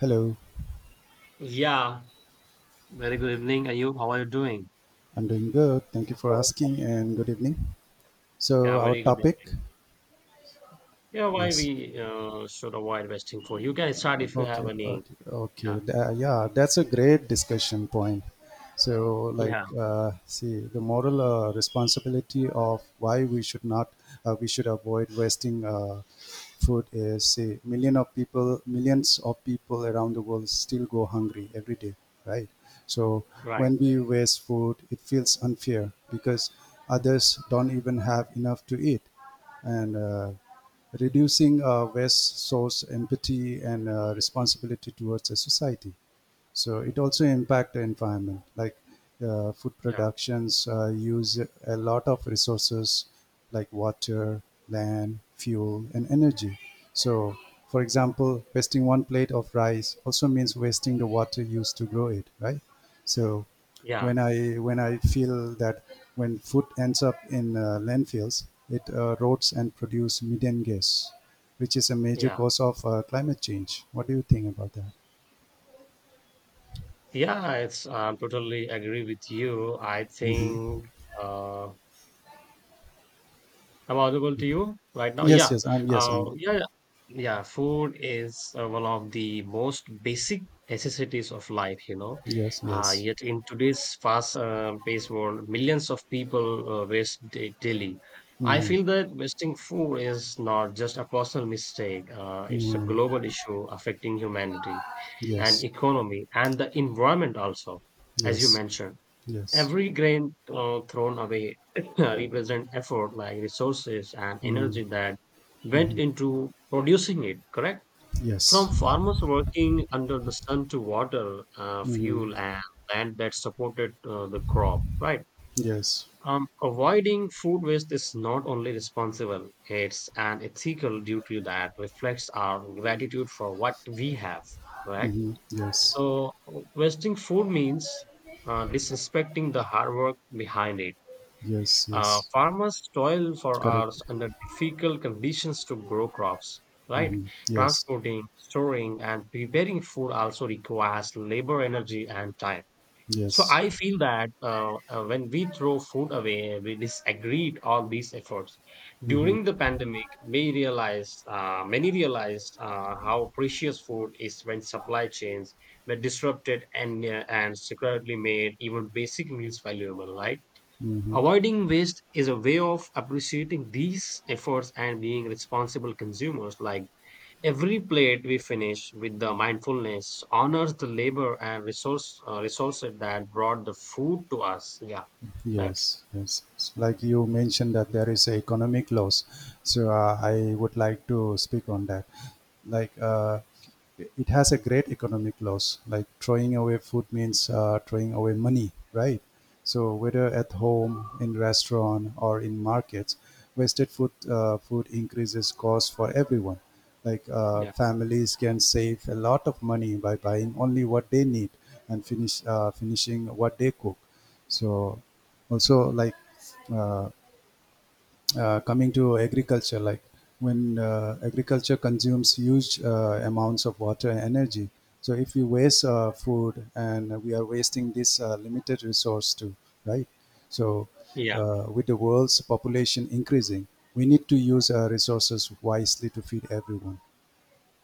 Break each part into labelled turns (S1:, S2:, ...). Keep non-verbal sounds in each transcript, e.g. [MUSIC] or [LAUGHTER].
S1: Hello,
S2: Yeah, very good evening, Ayub. How are you doing?
S1: I'm doing good. Thank you for asking and good evening.
S2: Yeah,
S1: So, our
S2: very good.
S1: topic?
S2: Yeah, why
S1: Yes.
S2: we should avoid wasting food. You can start if you have
S1: Okay,
S2: any.
S1: okay, okay.
S2: Yeah,
S1: Yeah, that's a great discussion point. So, like,
S2: yeah,
S1: see, the moral responsibility of why we should not, we should avoid wasting food is, say, million of people, millions of people around the world still go hungry every day, right? So,
S2: right.
S1: when we waste food, it feels unfair because others don't even have enough to eat and reducing waste source empathy and responsibility towards a society, so it also impact the environment. Like food
S2: Yeah,
S1: productions use a lot of resources like water, land, fuel, and energy. So, for example, wasting one plate of rice also means wasting the water used to grow it, right? So
S2: yeah,
S1: when I feel that when food ends up in landfills, it rots and produce methane gas, which is a major
S2: yeah.
S1: cause of climate change. What do you think about that?
S2: Yeah, it's I'm totally agree with you. Uh, I'm audible to you right now.
S1: Yes,
S2: Yeah,
S1: yes, I'm yes,
S2: uh,
S1: I'm
S2: yeah, yeah. Food is one of the most basic necessities of life, you know.
S1: Yes, yes.
S2: Yet in today's fast-paced world, millions of people daily. I
S1: Mm,
S2: feel that wasting food is not just a personal mistake. It's a global issue affecting humanity and
S1: yes,
S2: economy and the environment also, as you
S1: yes,
S2: mentioned.
S1: yes,
S2: Every grain thrown away [LAUGHS] [CLEARS THROAT] represents effort, like resources and energy that went into producing it, correct?
S1: yes.
S2: From farmers working under the sun to water,
S1: Mm,
S2: fuel, and land that supported the crop, right?
S1: yes,
S2: Avoiding food waste is not only responsible, it's an ethical duty that reflects our gratitude for what we have, right?
S1: mm, yes,
S2: So, wasting food means disrespecting the hard work behind it
S1: yes, yes.
S2: farmers toil for hours
S1: Correct.
S2: under difficult conditions to grow crops, right?
S1: Yes,
S2: Transporting, storing, and preparing food also requires labor, energy, and time. So
S1: yes.
S2: I feel that when we throw food away, we disagreed all these efforts.
S1: Mm-hmm,
S2: During the pandemic, we realized, many realized how precious food is when supply chains were disrupted and secretly made even basic meals valuable, right?
S1: mm-hmm.
S2: Avoiding waste is a way of appreciating these efforts and being responsible consumers. Like every plate we finish with the mindfulness honors the labor and resources that brought the food to us. Yeah, that's
S1: Yes, yes. So like you mentioned, that there is a economic loss. So I would like to speak on that. Like uh, it has a great economic loss. Like throwing away food means throwing away money, right? So whether at home, in restaurant, or in markets, wasted food increases cost for everyone. Like
S2: yeah,
S1: families can save a lot of money by buying only what they need and finishing what they cook. So also like uh, coming to agriculture, like when agriculture consumes huge amounts of water and energy, so if we waste food, and we are wasting this limited resource too, right? So
S2: yeah,
S1: with the world's population increasing, we need to use our resources wisely to feed everyone,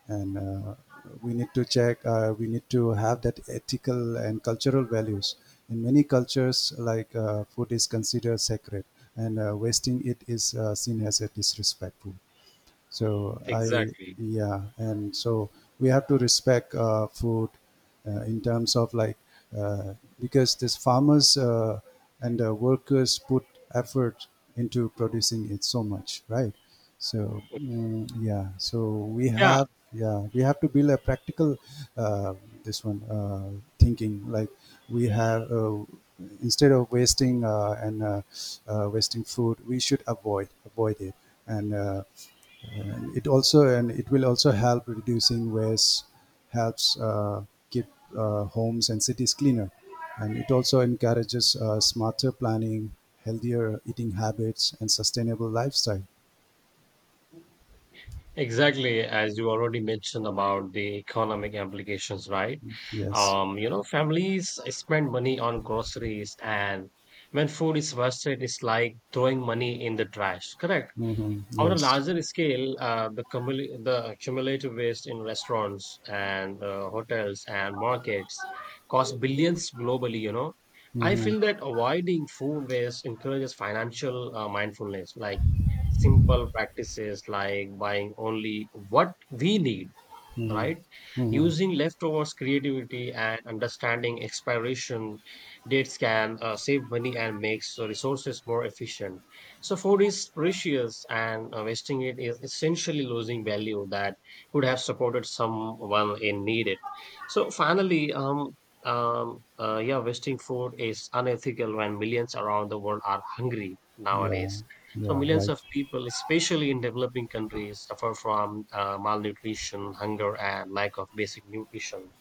S1: and we need to have that ethical and cultural values. In many cultures, like food is considered sacred, and wasting it is seen as a disrespectful. So I,
S2: exactly.
S1: yeah, and so we have to respect food in terms of like, uh, because this farmers and workers put effort into producing it so much, right? So mm, yeah, so we
S2: Yeah,
S1: have yeah we have to build a practical uh, this one thinking, like we have instead of wasting and wasting food, we should avoid it. And it will also help reducing waste, helps keep homes and cities cleaner, and it also encourages smarter planning, healthier eating habits, and sustainable lifestyle.
S2: exactly. As you already mentioned about the economic implications, right?
S1: Yes.
S2: You know, families spend money on groceries, and when food is wasted, it's like throwing money in the trash. Correct.
S1: Mm-hmm.
S2: On a
S1: Yes.
S2: larger scale, the cumulative waste in restaurants and hotels and markets costs billions globally, you know. I
S1: Mm-hmm.
S2: feel that avoiding food waste encourages financial mindfulness, like simple practices like buying only what we need, right?
S1: Mm-hmm.
S2: Using leftovers, creativity, and understanding expiration dates can save money and makes the resources more efficient. So food is precious, and wasting it is essentially losing value that could have supported someone in need. It. So finally, yeah, wasting food is unethical when millions around the world are hungry
S1: Yeah.
S2: nowadays. So
S1: Yeah.
S2: millions
S1: Right.
S2: of people, especially in developing countries, suffer from malnutrition, hunger, and lack of basic nutrition.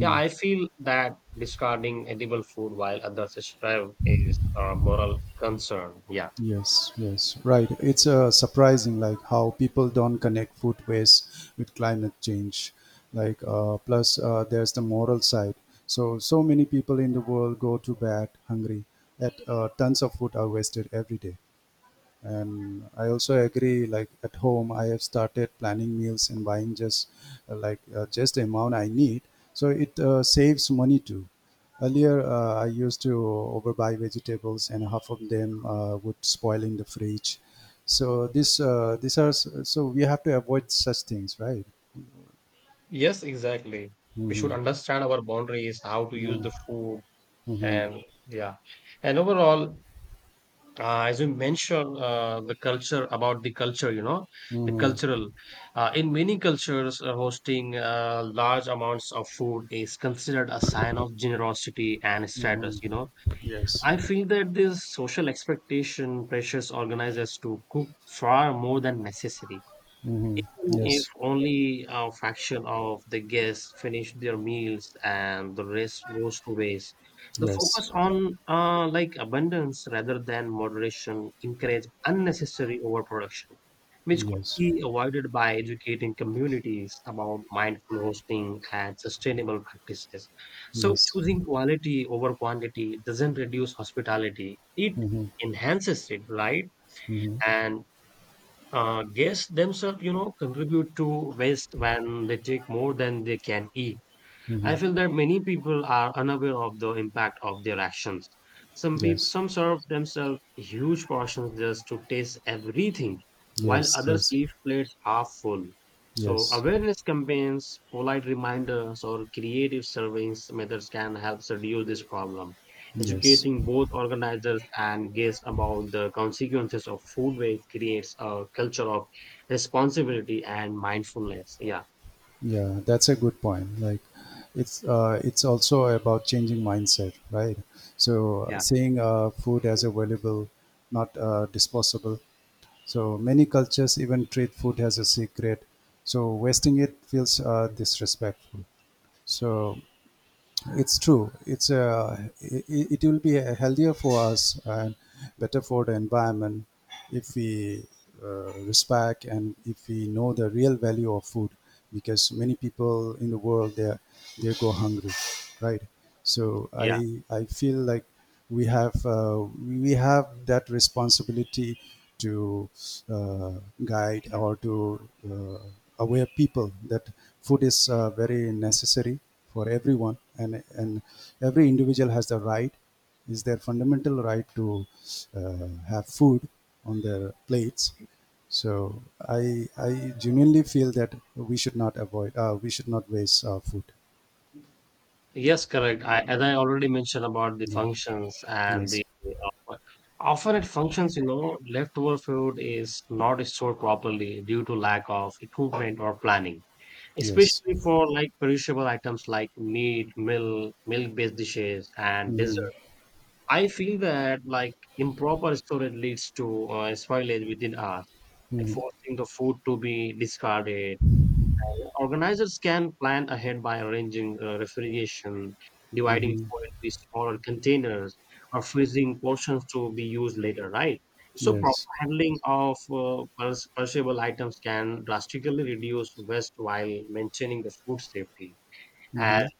S2: Yeah, I feel that discarding edible food while others strive is a moral concern. Yeah.
S1: Yes, yes, right. It's surprising, like how people don't connect food waste with climate change. Like, plus there's the moral side. So, so many people in the world go to bed hungry. That tons of food are wasted every day. And I also agree, like at home, I have started planning meals and buying just just the amount I need. So it saves money too. Earlier, I used to overbuy vegetables, and half of them would spoil in the fridge. So this these are s- so we have to avoid such things, right?
S2: Yes, exactly. We should
S1: Mm-hmm.
S2: understand our boundaries, how to use
S1: Mm-hmm.
S2: the food,
S1: Mm-hmm.
S2: and yeah. And overall, as you mentioned, the culture about the culture, you know, the
S1: Mm-hmm.
S2: cultural. In many cultures, hosting large amounts of food is considered a sign of generosity and status.
S1: Mm-hmm.
S2: You know,
S1: Yes.
S2: I feel that this social expectation pressures organizers to cook far more than necessary
S1: Mm-hmm.
S2: if
S1: Yes.
S2: only a fraction of the guests finish their meals and the rest goes to waste. The
S1: Yes.
S2: focus on like abundance rather than moderation encourage unnecessary overproduction, which could
S1: Yes.
S2: be avoided by educating communities about mindful hosting and sustainable practices. So
S1: Yes.
S2: choosing quality over quantity doesn't reduce hospitality; it
S1: Mm-hmm.
S2: enhances it, right?
S1: Mm-hmm.
S2: And guests themselves, you know, contribute to waste when they take more than they can eat. I
S1: Mm-hmm.
S2: feel that many people are unaware of the impact of their actions. Some people,
S1: Yes,
S2: some serve themselves huge portions just to taste everything, while
S1: yes,
S2: others
S1: yes,
S2: leave plates half full. So
S1: yes,
S2: awareness campaigns, polite reminders, or creative surveys methods can help reduce this problem.
S1: yes.
S2: Educating both organizers and guests about the consequences of food waste creates a culture of responsibility and mindfulness. Yeah,
S1: Yeah, that's a good point. Like, it's also about changing mindset, right? So
S2: yeah,
S1: seeing food as a valuable, not disposable. So many cultures even treat food as a secret. So wasting it feels disrespectful. So it's true. It will be healthier for us and better for the environment, if we respect and if we know the real value of food, because many people in the world, they go hungry, right? So i
S2: yeah.
S1: i feel like we have that responsibility to uh, guide or to aware people that food is very necessary for everyone, and every individual has the right, is their fundamental right to have food on their plates. So I genuinely feel that we should not waste our food.
S2: Yes, correct. I, as I already mentioned about the
S1: Yeah.
S2: functions and
S1: Yes.
S2: the offer. Often it functions, you know, leftover food is not stored properly due to lack of equipment or planning,
S1: Yes.
S2: especially for like perishable items like meat, milk-based dishes, and
S1: Mm-hmm.
S2: dessert. I feel that like improper storage leads to spoilage within hours, like
S1: Mm-hmm.
S2: forcing the food to be discarded. Organizers can plan ahead by arranging refrigeration, dividing
S1: Hmm.
S2: food into smaller containers, or freezing portions to be used later, right? So, proper
S1: Yes.
S2: handling of perishable items can drastically reduce waste while maintaining the food safety. And
S1: Mm-hmm.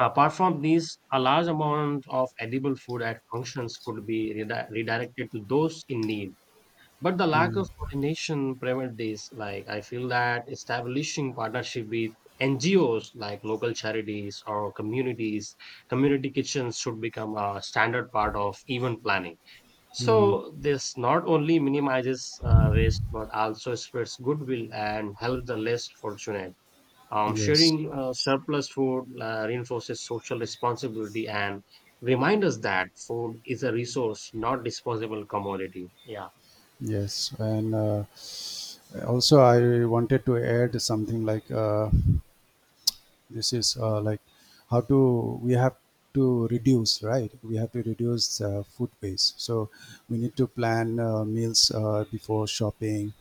S2: apart from these, a large amount of edible food at functions could be redirected to those in need, but the lack of
S1: Mm-hmm.
S2: coordination prevents this. Like I feel that establishing partnership with NGOs like local charities or community kitchens should become a standard part of event planning.
S1: Mm-hmm.
S2: So this not only minimizes waste but also spreads goodwill and helps the less fortunate.
S1: Yes.
S2: Sharing surplus food reinforces social responsibility and reminds us that food is a resource, not disposable commodity. Yeah,
S1: Yes. And also I wanted to add something like, this is like how to we have to reduce, right? We have to reduce food waste, so we need to plan meals before shopping,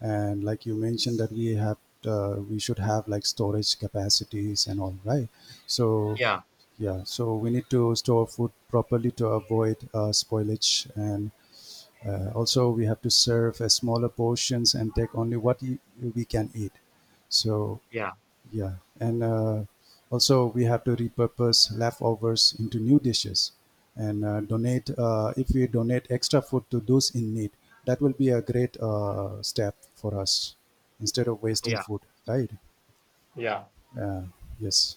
S1: and like you mentioned that we have we should have like storage capacities and all, right? So
S2: yeah,
S1: yeah, so we need to store food properly to avoid spoilage, and also we have to serve as smaller portions and take only we can eat. So
S2: yeah.
S1: yeah, and also we have to repurpose leftovers into new dishes, and donate. If we donate extra food to those in need, that will be a great step for us instead of wasting
S2: Yeah,
S1: food, right?
S2: yeah.
S1: Uh, yes.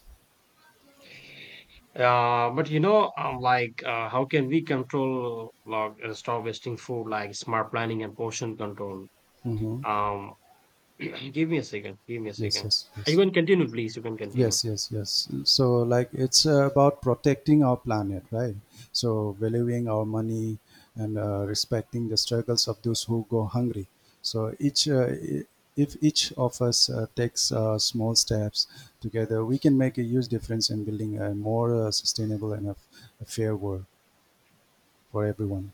S2: But you know, how can we control, like, stop wasting food, like smart planning and portion control?
S1: Mm-hmm.
S2: Um, [CLEARS THROAT] give me a second. Give me a
S1: Yes,
S2: second.
S1: yes,
S2: You
S1: yes.
S2: can continue, please. You can continue.
S1: Yes, yes, yes. So, like, it's about protecting our planet, right? So, valuing our money, and respecting the struggles of those who go hungry. So, if each of us takes small steps together, we can make a huge difference in building a more sustainable and a fair world for everyone.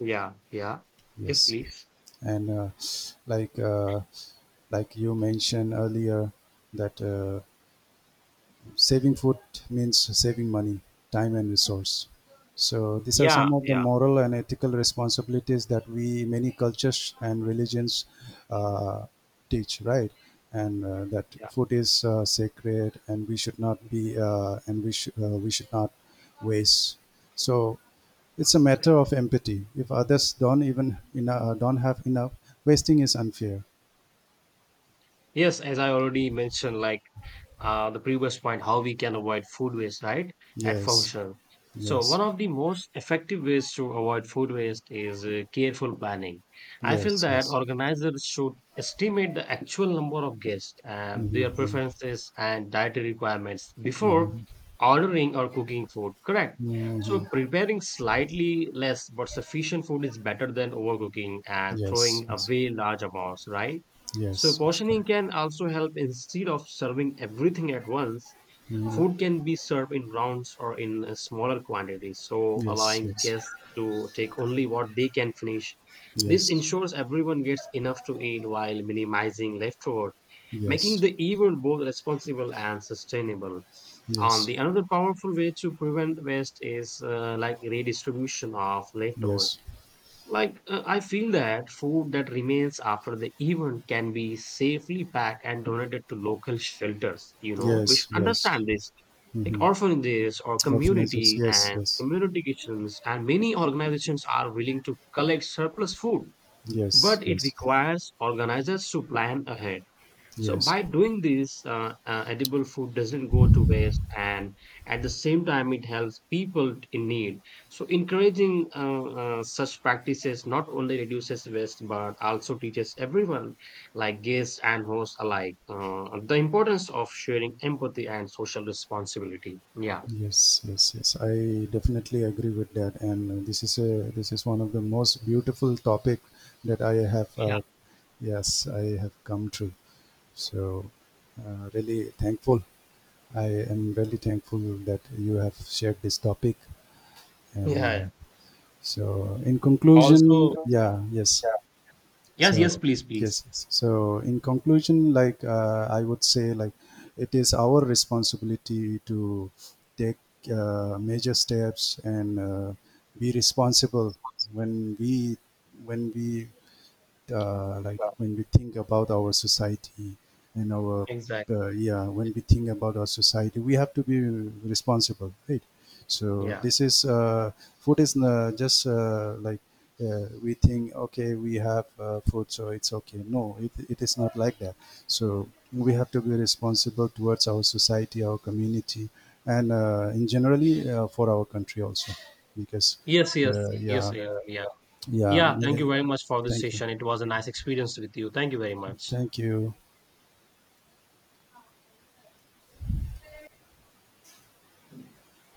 S2: Yeah, yeah. Yes,
S1: Yes,
S2: please.
S1: and like uh, like you mentioned earlier, that. Saving food means saving money, time, and resource. So these are
S2: Yeah,
S1: some of the
S2: yeah,
S1: moral and ethical responsibilities that we many cultures and religions uh, teach, right? And that
S2: yeah.
S1: food is sacred, and we should not waste. So it's a matter of empathy. If others don't even don't have enough, wasting is unfair.
S2: Yes, as I already mentioned, like, the previous point, how we can avoid food waste, right? At
S1: Yes,
S2: function. So,
S1: yes,
S2: one of the most effective ways to avoid food waste is careful planning. I feel
S1: yes,
S2: that
S1: yes.
S2: organizers should estimate the actual number of guests and their
S1: Hmm.
S2: preferences and dietary requirements before ordering or cooking food, correct? So, preparing slightly less but sufficient food is better than overcooking and
S1: Yes,
S2: throwing
S1: yes,
S2: away large amounts, right? So
S1: yes, yes,
S2: portioning
S1: correct.
S2: can also help instead of serving everything at once. Food can be served in rounds or in smaller quantities, so
S1: Yes,
S2: allowing
S1: yes,
S2: guests to take only what they can finish. This
S1: yes,
S2: ensures everyone gets enough to eat while minimizing leftover, making
S1: yes,
S2: the event both responsible and sustainable. On
S1: yes,
S2: the another powerful way to prevent waste is like redistribution of leftovers
S1: yes,
S2: like, I feel that food that remains after the event can be safely packed and donated to local shelters. You know, we
S1: yes,
S2: should
S1: yes.
S2: understand this. Like
S1: Mm-hmm.
S2: orphanages or
S1: Orphanages,
S2: community
S1: yes,
S2: and
S1: yes,
S2: community kitchens, and many organizations are willing to collect surplus food,
S1: yes,
S2: but it
S1: yes, yes,
S2: requires organizers to plan ahead. So
S1: yes,
S2: by doing this, edible food doesn't go to waste, and at the same time, it helps people in need. So encouraging such practices not only reduces waste but also teaches everyone, like guests and hosts alike, the importance of sharing empathy and social responsibility. Yeah,
S1: yes, yes. Yes. I definitely agree with that, and uh, this is one of the most beautiful topic that I have.
S2: yeah,
S1: Yes, I have come through. So, really thankful. I am really thankful that you have shared this topic and.
S2: yeah.
S1: So in conclusion,
S2: Also,
S1: yeah, yes.
S2: yes,
S1: So
S2: yes, please,
S1: yes,
S2: please.
S1: yes. So in conclusion, like I would say, like it is our responsibility to take major steps and be responsible when we when we like
S2: Uh,
S1: when we think about our society and our
S2: exactly.
S1: yeah, when we think about our society, we have to be responsible, right? So
S2: Yeah.
S1: this is food is just like we think okay, we have food so it's okay, no, it, it is not like that. So we have to be responsible towards our society, our community, and in generally for our country also, because
S2: Yes, yes, yes,
S1: yeah,
S2: yeah, yeah.
S1: yeah,
S2: Yeah, thank you very much for this
S1: thank you.
S2: session. It was a nice experience with you. Thank you very much.
S1: Thank you.